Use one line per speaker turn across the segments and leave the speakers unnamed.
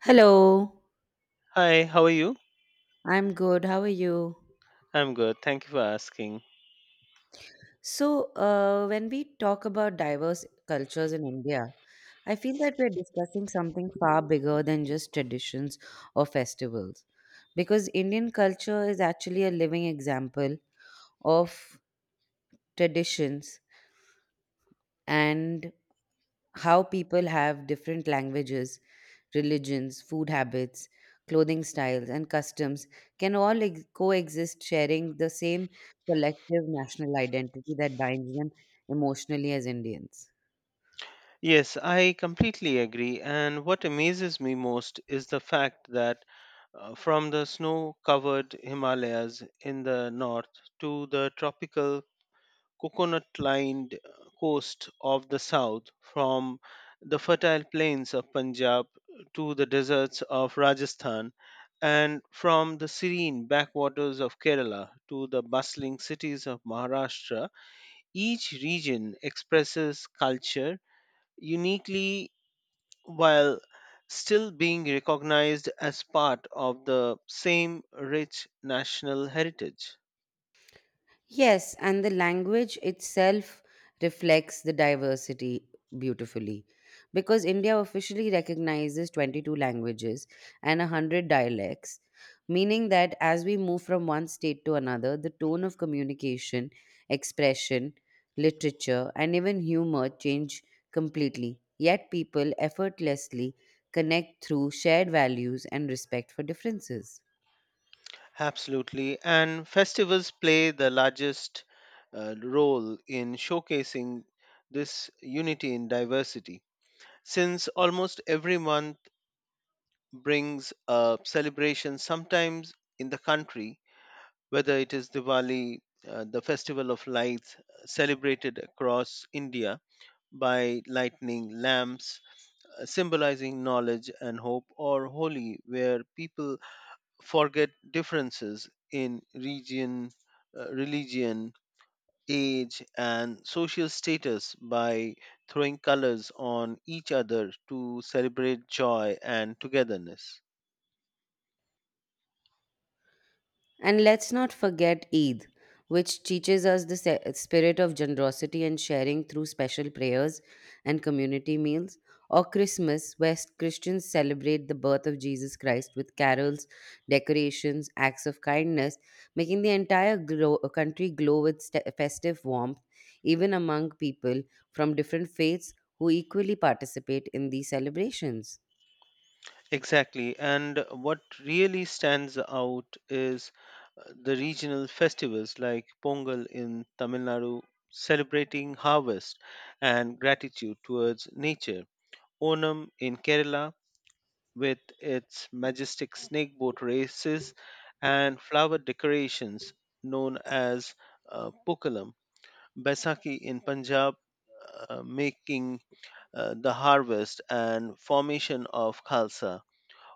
Hello,
Hi, how are you?
I'm good. How are you?
I'm good. Thank you for asking.
So when we talk about diverse cultures in India, I feel that we're discussing something far bigger than just traditions or festivals. Because Indian culture is actually a living example of traditions and how people have different languages, religions, food habits, clothing styles, and customs can all coexist, sharing the same collective national identity that binds them emotionally as Indians.
Yes, I completely agree. And what amazes me most is the fact that from the snow covered Himalayas in the north to the tropical coconut lined coast of the south, from the fertile plains of Punjab to the deserts of Rajasthan, and from the serene backwaters of Kerala to the bustling cities of Maharashtra. Each region expresses culture uniquely while still being recognized as part of the same rich national heritage.
Yes, and the language itself reflects the diversity beautifully because India officially recognizes 22 languages and 100 dialects, meaning that as we move from one state to another, the tone of communication, expression, literature, and even humor change completely. Yet people effortlessly connect through shared values and respect for differences.
Absolutely. And festivals play the largest role in showcasing this unity in diversity, since almost every month brings a celebration, sometimes in the country, whether it is Diwali, the festival of lights celebrated across India by lightning lamps, symbolizing knowledge and hope, or Holi, where people forget differences in region, religion, age, and social status by throwing colors on each other to celebrate joy and togetherness.
And let's not forget Eid, which teaches us the spirit of generosity and sharing through special prayers and community meals, or Christmas, where Christians celebrate the birth of Jesus Christ with carols, decorations, acts of kindness, making the entire country glow with festive warmth, even among people from different faiths who equally participate in these celebrations.
Exactly. And what really stands out is the regional festivals like Pongal in Tamil Nadu, celebrating harvest and gratitude towards nature, Onam in Kerala, with its majestic snake boat races and flower decorations known as Pukkalam, Baisakhi in Punjab, making the harvest and formation of Khalsa,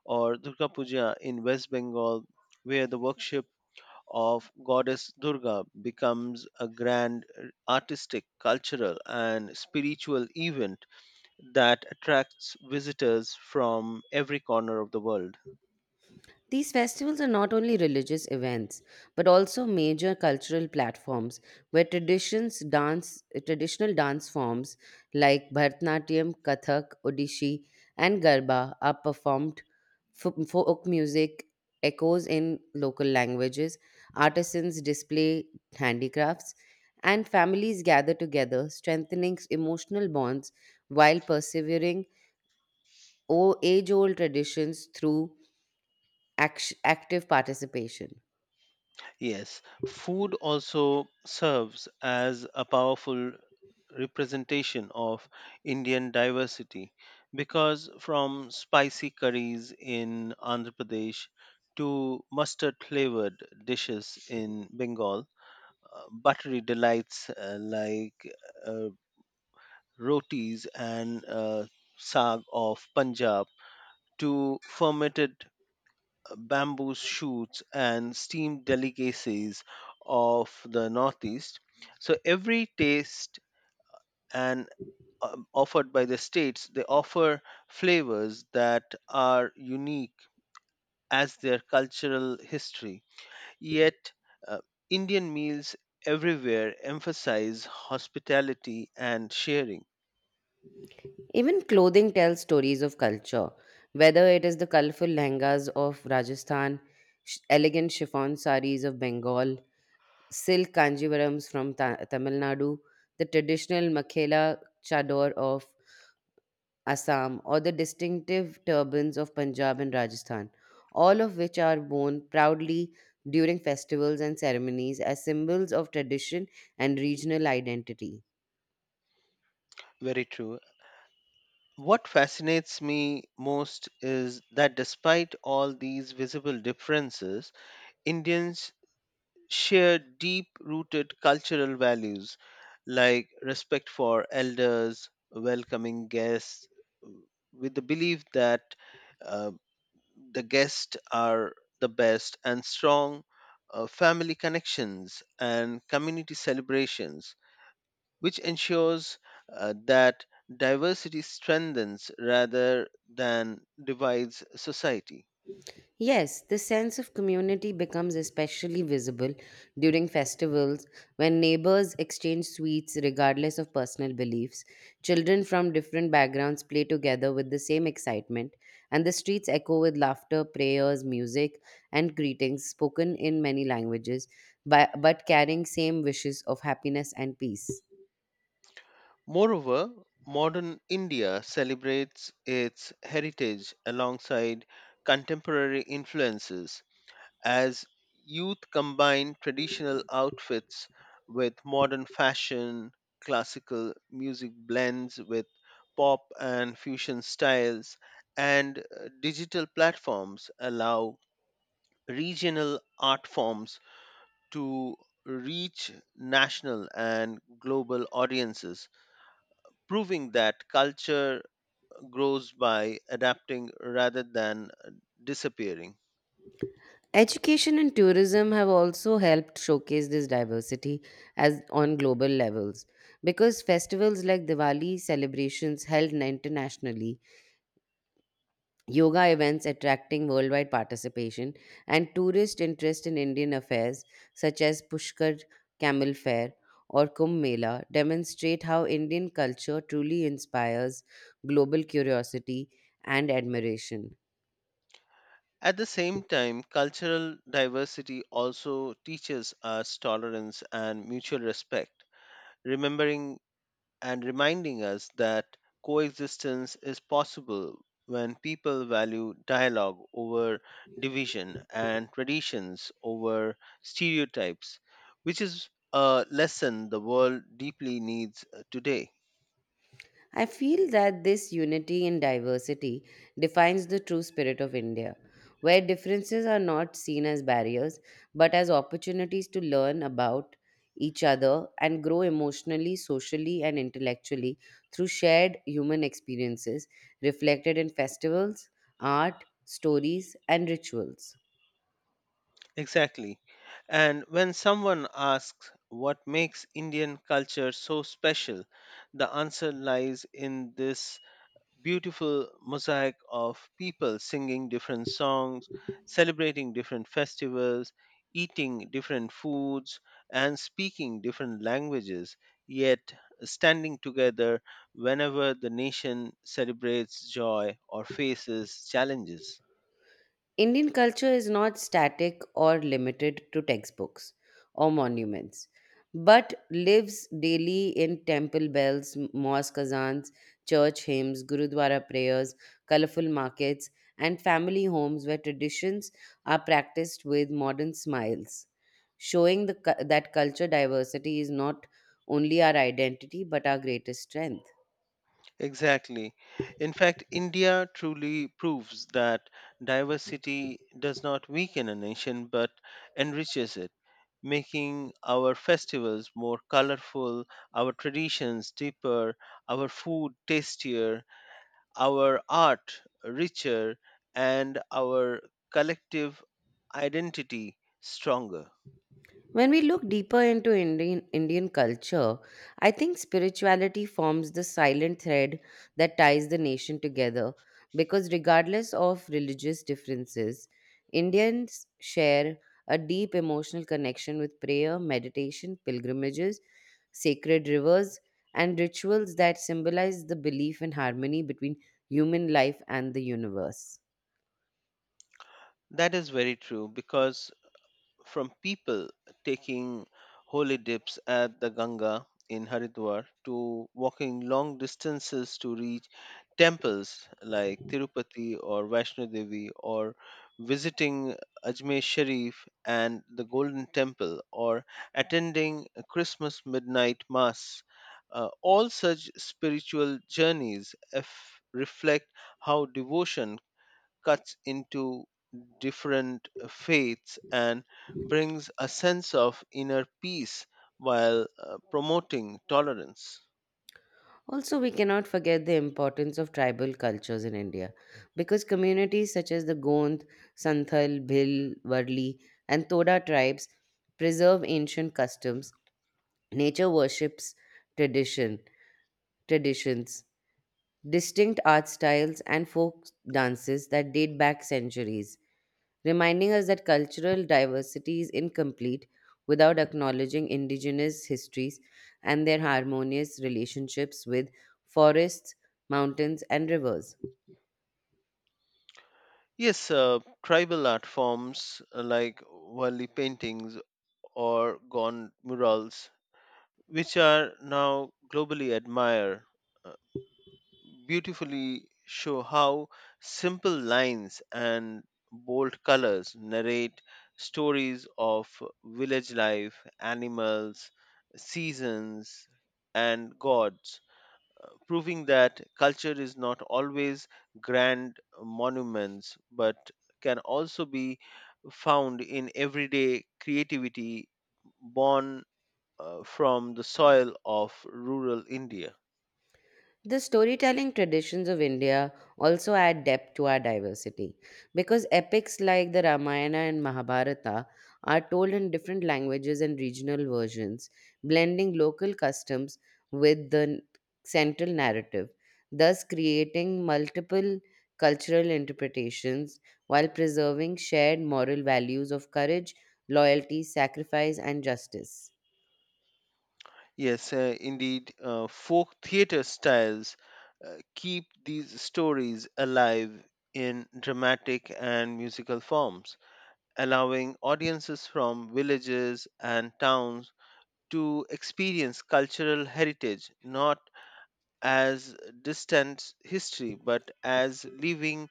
or Durga Puja in West Bengal, where the worship of goddess Durga becomes a grand artistic, cultural, and spiritual event that attracts visitors from every corner of the world.
These festivals are not only religious events, but also major cultural platforms where traditions dance, traditional dance forms like Bharatanatyam, Kathak, Odishi, and Garba are performed. Folk music echoes in local languages, artisans display handicrafts, and families gather together, strengthening emotional bonds while persevering age old traditions through active participation.
Yes, food also serves as a powerful representation of Indian diversity, because from spicy curries in Andhra Pradesh to mustard flavored dishes in Bengal, buttery delights like uh, rotis and saag of Punjab to fermented bamboo shoots, and steamed delicacies of the Northeast. So every taste and, offered by the states, they offer flavors that are unique as their cultural history. Yet, uh, Indian meals everywhere emphasize hospitality and sharing.
Even clothing tells stories of culture, whether it is the colorful lehengas of Rajasthan, elegant chiffon saris of Bengal, silk kanjivarams from Tamil Nadu, the traditional makhela chador of Assam, or the distinctive turbans of Punjab and Rajasthan, all of which are worn proudly during festivals and ceremonies as symbols of tradition and regional identity.
Very true. What fascinates me most is that despite all these visible differences, Indians share deep rooted cultural values like respect for elders, welcoming guests, w- with the belief that, uh, the guests are the best, and strong family connections and community celebrations, which ensures that diversity strengthens rather than divides society.
Yes, the sense of community becomes especially visible during festivals when neighbors exchange sweets regardless of personal beliefs. Children from different backgrounds play together with the same excitement, and the streets echo with laughter, prayers, music, and greetings spoken in many languages, but carrying same wishes of happiness and peace.
Moreover, modern India celebrates its heritage alongside contemporary influences as youth combine traditional outfits with modern fashion, classical music blends with pop and fusion styles, and digital platforms allow regional art forms to reach national and global audiences, proving that culture grows by adapting rather than disappearing.
Education and tourism have also helped showcase this diversity as on global levels because festivals like Diwali celebrations held internationally, yoga events attracting worldwide participation, and tourist interest in Indian affairs such as Pushkar Camel Fair or Kumbh Mela demonstrate how Indian culture truly inspires global curiosity and admiration.
At the same time, cultural diversity also teaches us tolerance and mutual respect, remembering and reminding us that coexistence is possible when people value dialogue over division and traditions over stereotypes, which is a lesson the world deeply needs today.
I feel that this unity in diversity defines the true spirit of India, where differences are not seen as barriers but as opportunities to learn about each other and grow emotionally, socially, and intellectually through shared human experiences reflected in festivals, art, stories, and rituals.
Exactly. And when someone asks what makes Indian culture so special, the answer lies in this beautiful mosaic of people singing different songs, celebrating different festivals, eating different foods, and speaking different languages, yet standing together whenever the nation celebrates joy or faces challenges.
Indian culture is not static or limited to textbooks or monuments, but lives daily in temple bells, mosque azans, church hymns, gurudwara prayers, colorful markets, and family homes where traditions are practiced with modern smiles, showing that culture diversity is not only our identity but our greatest strength.
Exactly. In fact, India truly proves that diversity does not weaken a nation but enriches it, making our festivals more colorful, our traditions deeper, our food tastier, our art richer, and our collective identity stronger.
When we look deeper into Indian culture, I think spirituality forms the silent thread that ties the nation together because, regardless of religious differences, Indians share a deep emotional connection with prayer, meditation, pilgrimages, sacred rivers, and rituals that symbolize the belief in harmony between human life and the universe.
That is very true, because from people taking holy dips at the Ganga in Haridwar, to walking long distances to reach temples like Tirupati or Vaishno Devi, or visiting Ajmer Sharif and the Golden Temple, or attending a Christmas midnight mass. All such spiritual journeys reflect how devotion cuts into different faiths and brings a sense of inner peace while promoting tolerance.
Also, we cannot forget the importance of tribal cultures in India because communities such as the Gond, Santhal, Bhil, Varli, and Toda tribes preserve ancient customs, nature worships, tradition, traditions distinct art styles and folk dances that date back centuries, reminding us that cultural diversity is incomplete without acknowledging indigenous histories and their harmonious relationships with forests, mountains, and rivers.
Yes, tribal art forms like Wali paintings or Gond murals, which are now globally admired, uh, beautifully show how simple lines and bold colors narrate stories of village life, animals, seasons, and gods, proving that culture is not always grand monuments but can also be found in everyday creativity born from the soil of rural India.
The storytelling traditions of India also add depth to our diversity because epics like the Ramayana and Mahabharata are told in different languages and regional versions, blending local customs with the central narrative, thus creating multiple cultural interpretations while preserving shared moral values of courage, loyalty, sacrifice, and justice.
Yes, indeed, folk theatre styles keep these stories alive in dramatic and musical forms, allowing audiences from villages and towns to experience cultural heritage not as distant history but as living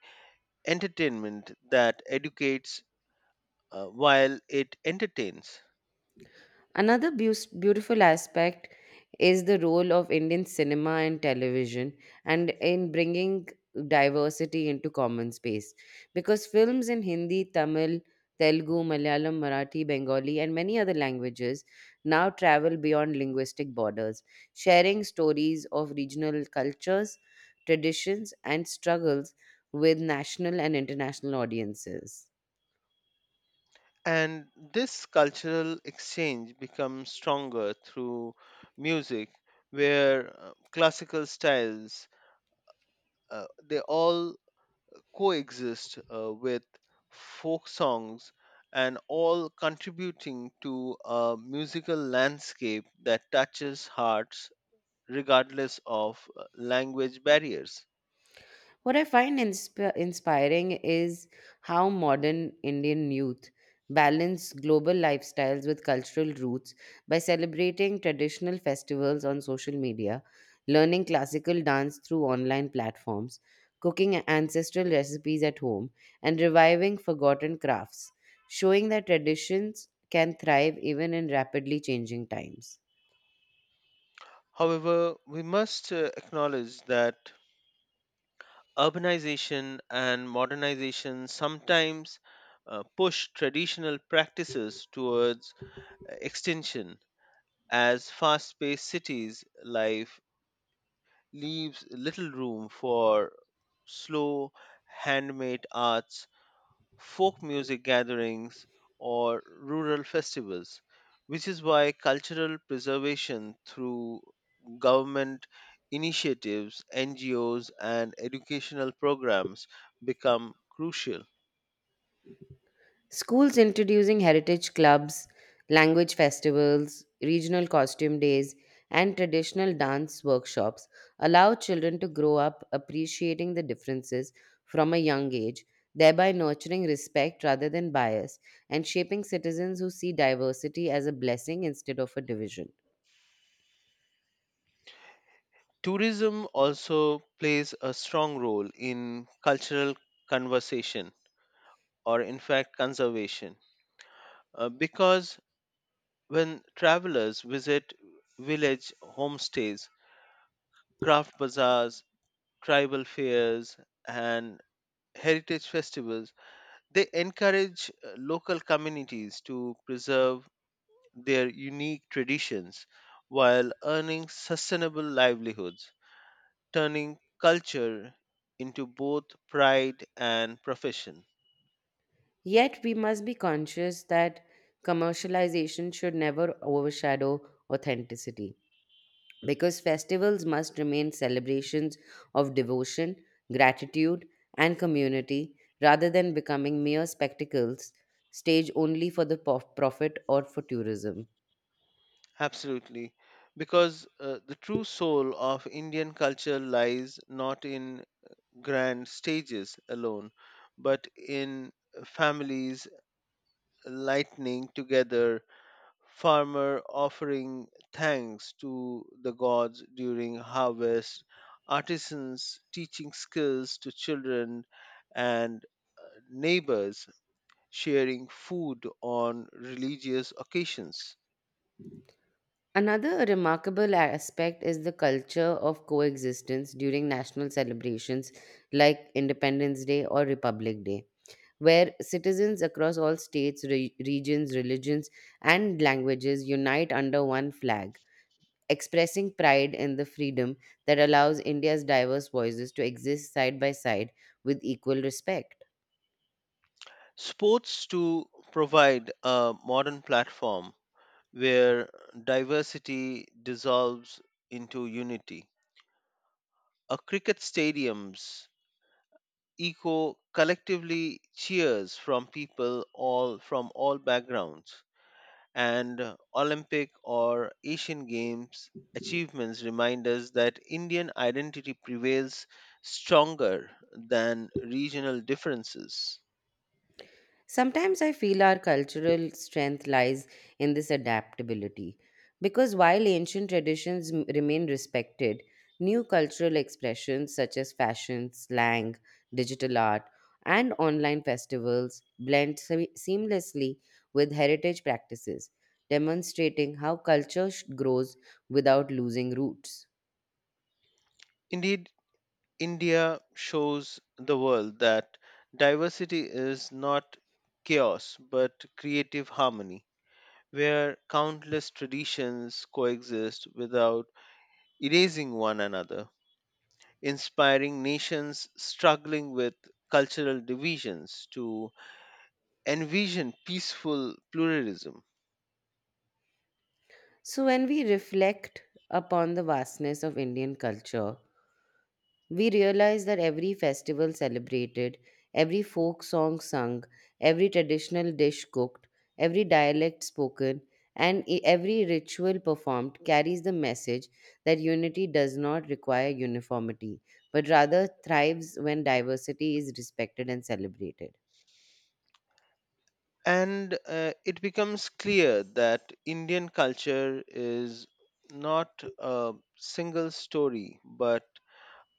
entertainment that educates while it entertains.
Another beautiful aspect is the role of Indian cinema and television and in bringing diversity into common space because films in Hindi, Tamil, Telugu, Malayalam, Marathi, Bengali, and many other languages now travel beyond linguistic borders, sharing stories of regional cultures, traditions, and struggles with national and international audiences.
And this cultural exchange becomes stronger through music, where classical styles, they all coexist with folk songs, and all contributing to a musical landscape that touches hearts regardless of language barriers.
What I find inspiring is how modern Indian youth balance global lifestyles with cultural roots by celebrating traditional festivals on social media, learning classical dance through online platforms, cooking ancestral recipes at home, and reviving forgotten crafts, showing that traditions can thrive even in rapidly changing times.
However, we must acknowledge that urbanization and modernization sometimes push traditional practices towards extinction, as fast-paced cities life leaves little room for slow handmade arts, folk music gatherings, or rural festivals, which is why cultural preservation through government initiatives, NGOs, and educational programs become crucial.
Schools introducing heritage clubs, language festivals, regional costume days, and traditional dance workshops allow children to grow up appreciating the differences from a young age, thereby nurturing respect rather than bias and shaping citizens who see diversity as a blessing instead of a division.
Tourism also plays a strong role in cultural conversation, or in fact, conservation, because when travelers visit village homestays, craft bazaars, tribal fairs, and heritage festivals, they encourage local communities to preserve their unique traditions while earning sustainable livelihoods, turning culture into both pride and profession.
Yet, we must be conscious that commercialization should never overshadow authenticity because festivals must remain celebrations of devotion, gratitude, and community rather than becoming mere spectacles staged only for the profit or for tourism.
Absolutely. Because the true soul of Indian culture lies not in grand stages alone, but in families lightning together, farmer offering thanks to the gods during harvest, artisans teaching skills to children, and neighbors sharing food on religious occasions.
Another remarkable aspect is the culture of coexistence during national celebrations like Independence Day or Republic Day, where citizens across all states, regions, religions, and languages unite under one flag expressing pride in the freedom that allows India's diverse voices to exist side by side with equal respect.
Sports to provide a modern platform where diversity dissolves into unity. A cricket stadiums echo collectively cheers from people all from all backgrounds, and olympic or asian games achievements remind us that indian identity prevails stronger than regional differences.
Sometimes I feel our cultural strength lies in this adaptability, because while ancient traditions remain respected, new cultural expressions such as fashion, slang, digital art, and online festivals blend seamlessly with heritage practices, demonstrating how culture grows without losing roots.
Indeed, india shows the world that diversity is not chaos but creative harmony, where countless traditions coexist without erasing one another, inspiring nations struggling with cultural divisions to envision peaceful pluralism.
So, when we reflect upon the vastness of Indian culture, we realize that every festival celebrated, every folk song sung, every traditional dish cooked, every dialect spoken, and every ritual performed carries the message that unity does not require uniformity, but rather thrives when diversity is respected and celebrated.
And it becomes clear that Indian culture is not a single story, but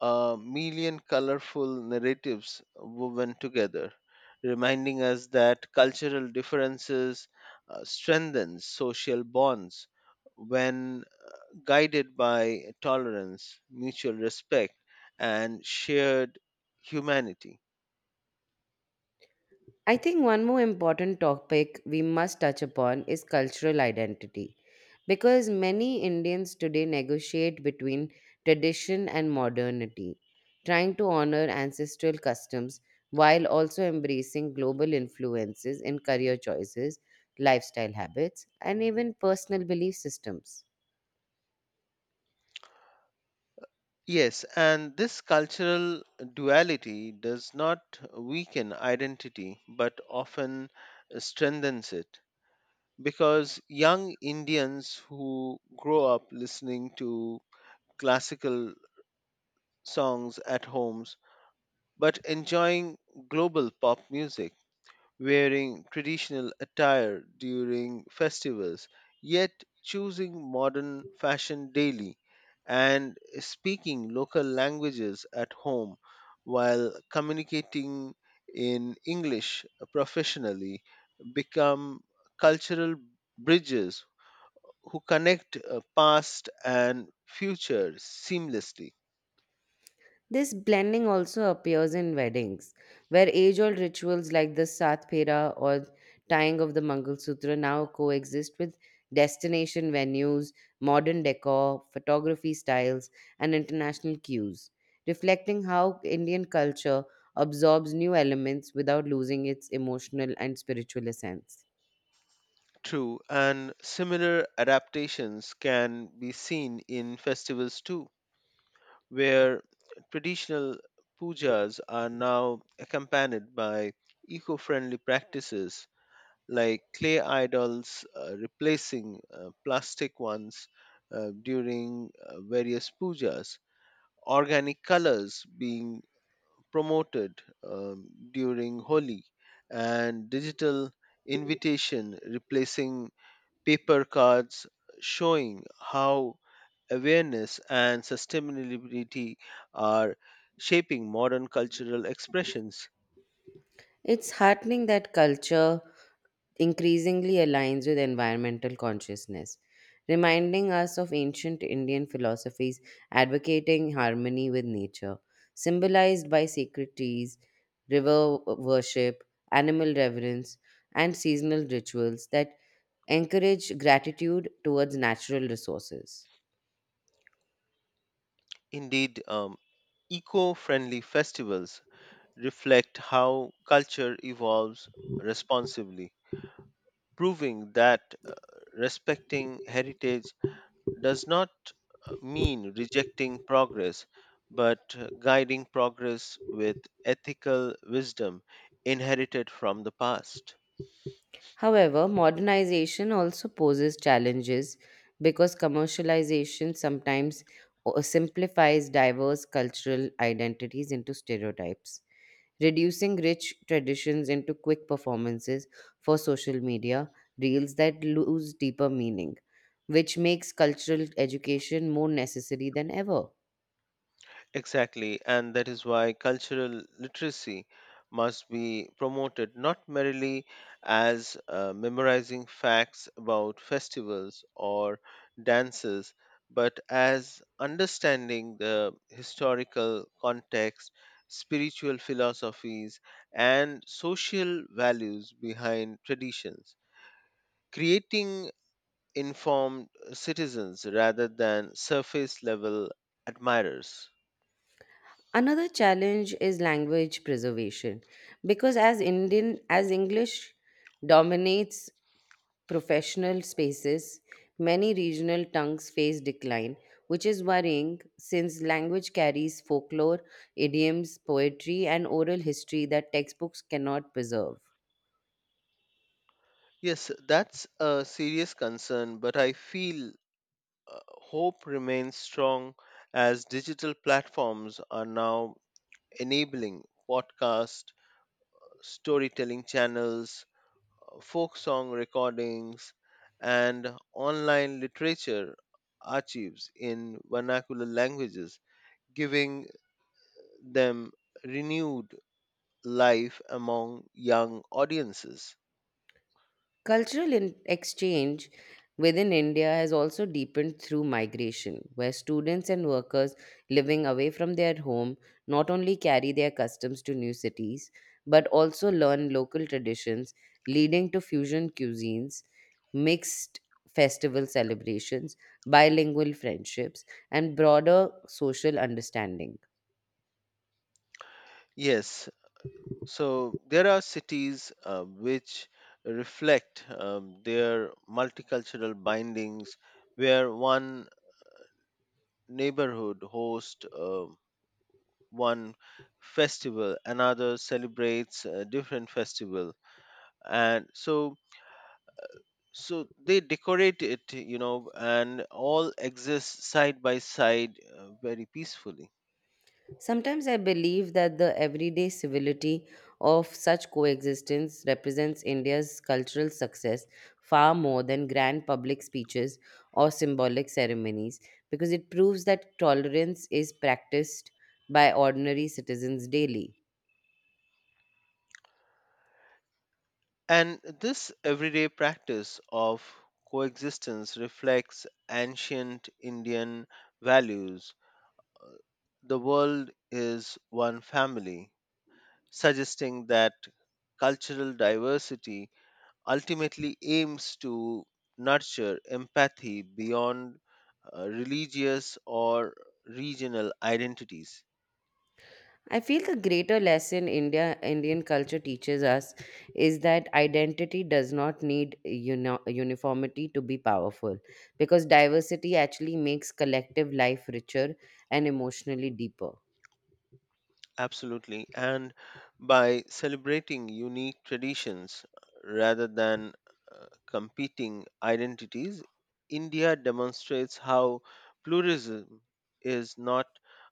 a million colorful narratives woven together, reminding us that cultural differences strengthen social bonds when guided by tolerance, mutual respect, and shared humanity.
I think one more important topic we must touch upon is cultural identity because many Indians today negotiate between tradition and modernity, trying to honor ancestral customs while also embracing global influences in career choices, lifestyle habits, and even personal belief systems.
Yes, and this cultural duality does not weaken identity but often strengthens it, because young Indians who grow up listening to classical songs at homes but enjoying global pop music, wearing traditional attire during festivals, yet choosing modern fashion daily, and speaking local languages at home while communicating in English professionally, become cultural bridges who connect past and future seamlessly.
This blending also appears in weddings, where age old rituals like the Sat Phera or tying of the Mangalsutra now coexist with destination venues, modern decor, photography styles, and international cues, reflecting how Indian culture absorbs new elements without losing its emotional and spiritual essence.
True, and similar adaptations can be seen in festivals too, where traditional pujas are now accompanied by eco friendly practices like clay idols replacing plastic ones during various pujas, organic colors being promoted during Holi, and digital invitation replacing paper cards, showing how awareness, and sustainability are shaping modern cultural expressions.
It's heartening that culture increasingly aligns with environmental consciousness, reminding us of ancient Indian philosophies advocating harmony with nature, symbolized by sacred trees, river worship, animal reverence, and seasonal rituals that encourage gratitude towards natural resources.
Indeed, eco friendly festivals reflect how culture evolves responsibly, proving that respecting heritage does not mean rejecting progress, but guiding progress with ethical wisdom inherited from the past.
However, modernization also poses challenges because commercialization sometimes simplifies diverse cultural identities into stereotypes, reducing rich traditions into quick performances for social media reels that lose deeper meaning, which makes cultural education more necessary than ever.
Exactly, and that is why cultural literacy must be promoted not merely as memorizing facts about festivals or dances, but as understanding the historical context, spiritual philosophies, and social values behind traditions, creating informed citizens rather than surface level admirers.
Another challenge is language preservation because as Indian as English dominates professional spaces, many regional tongues face decline, which is worrying since language carries folklore, idioms, poetry, and oral history that textbooks cannot preserve.
Yes, that's a serious concern, but I feel hope remains strong as digital platforms are now enabling podcast, storytelling channels, folk song recordings, and online literature archives in vernacular languages, giving them renewed life among young audiences.
Cultural exchange within India has also deepened through migration, where students and workers living away from their home not only carry their customs to new cities, but also learn local traditions, leading to fusion cuisines, mixed festival celebrations, bilingual friendships, and broader social understanding.
Yes. So there are cities which reflect their multicultural bindings, where one neighborhood hosts one festival, another celebrates a different festival, and so they decorate it, you know, and all exist side by side very peacefully.
Sometimes I believe that the everyday civility of such coexistence represents India's cultural success far more than grand public speeches or symbolic ceremonies because it proves that tolerance is practiced by ordinary citizens daily.
And this everyday practice of coexistence reflects ancient Indian values. The world is one family, suggesting that cultural diversity ultimately aims to nurture empathy beyond religious or regional identities.
I feel the greater lesson Indian culture teaches us is that identity does not need uniformity to be powerful because diversity actually makes collective life richer and emotionally deeper.
Absolutely. And by celebrating unique traditions rather than competing identities, India demonstrates how pluralism is not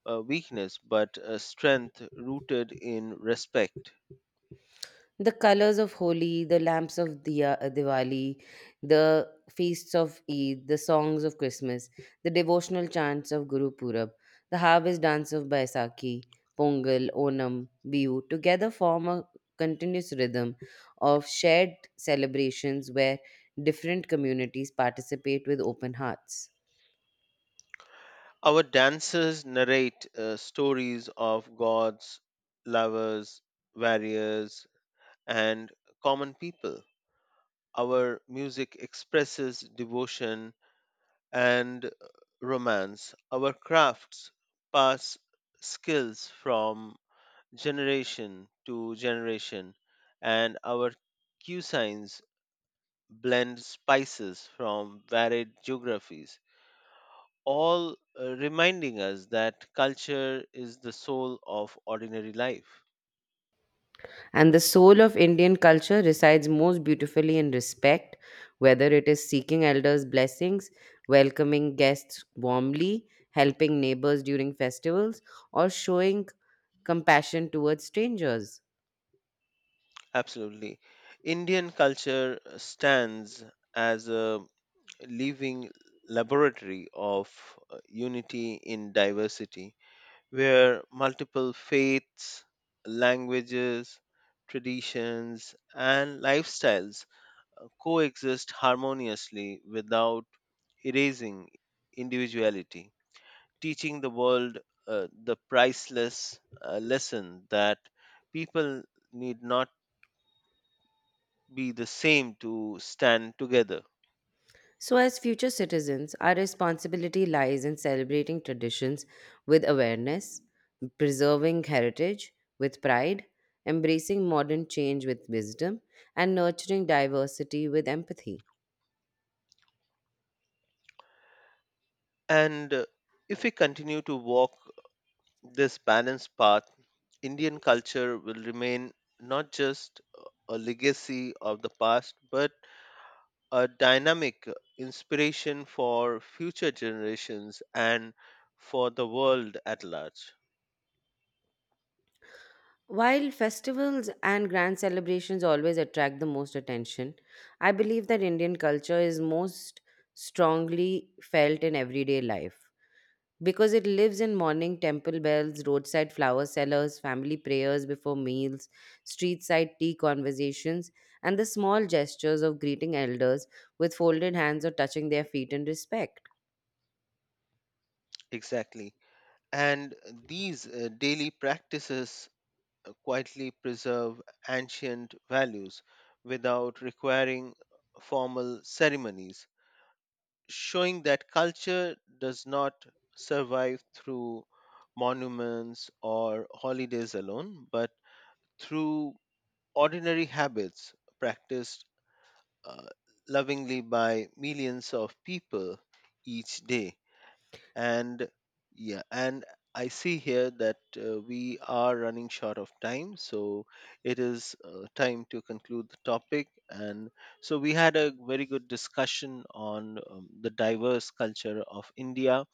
a weakness but a strength rooted in respect.
The colors of Holi, the lamps of Diwali, the feasts of Eid, the songs of Christmas, the devotional chants of Guru Purab, the harvest dance of Baisakhi, Pongal, Onam, Bihu together form a continuous rhythm of shared celebrations where different communities participate with open hearts.
Our dancers narrate stories of gods, lovers, warriors, and common people. Our music expresses devotion and romance. Our crafts pass skills from generation to generation, and our cuisines blend spices from varied geographies, all reminding us that culture is the soul of ordinary life.
And the soul of Indian culture resides most beautifully in respect, whether it is seeking elders' blessings, welcoming guests warmly, helping neighbors during festivals, or showing compassion towards strangers.
Absolutely. Indian culture stands as a living laboratory of unity in diversity, where multiple faiths, languages, traditions, and lifestyles coexist harmoniously without erasing individuality, teaching the world the priceless lesson that people need not be the same to stand together.
So, as future citizens, our responsibility lies in celebrating traditions with awareness, preserving heritage with pride, embracing modern change with wisdom, and nurturing diversity with empathy.
And if we continue to walk this balanced path, Indian culture will remain not just a legacy of the past, but a dynamic inspiration for future generations and for the world at large.
While festivals and grand celebrations always attract the most attention, I believe that Indian culture is most strongly felt in everyday life because it lives in morning temple bells, roadside flower sellers, family prayers before meals, street side tea conversations, and the small gestures of greeting elders with folded hands or touching their feet in respect.
Exactly. And these daily practices quietly preserve ancient values without requiring formal ceremonies, showing that culture does not survive through monuments or holidays alone, but through ordinary habits practiced uh, lovingly by millions of people each day. And yeah, and I see here that we are running short of time, so it is time to conclude the topic. And so we had a very good discussion on the diverse culture of India,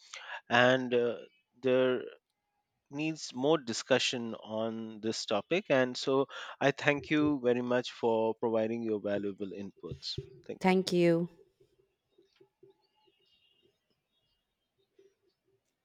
and there needs more discussion on this topic. And so I thank you very much for providing your valuable inputs. Thank you.
Thank you.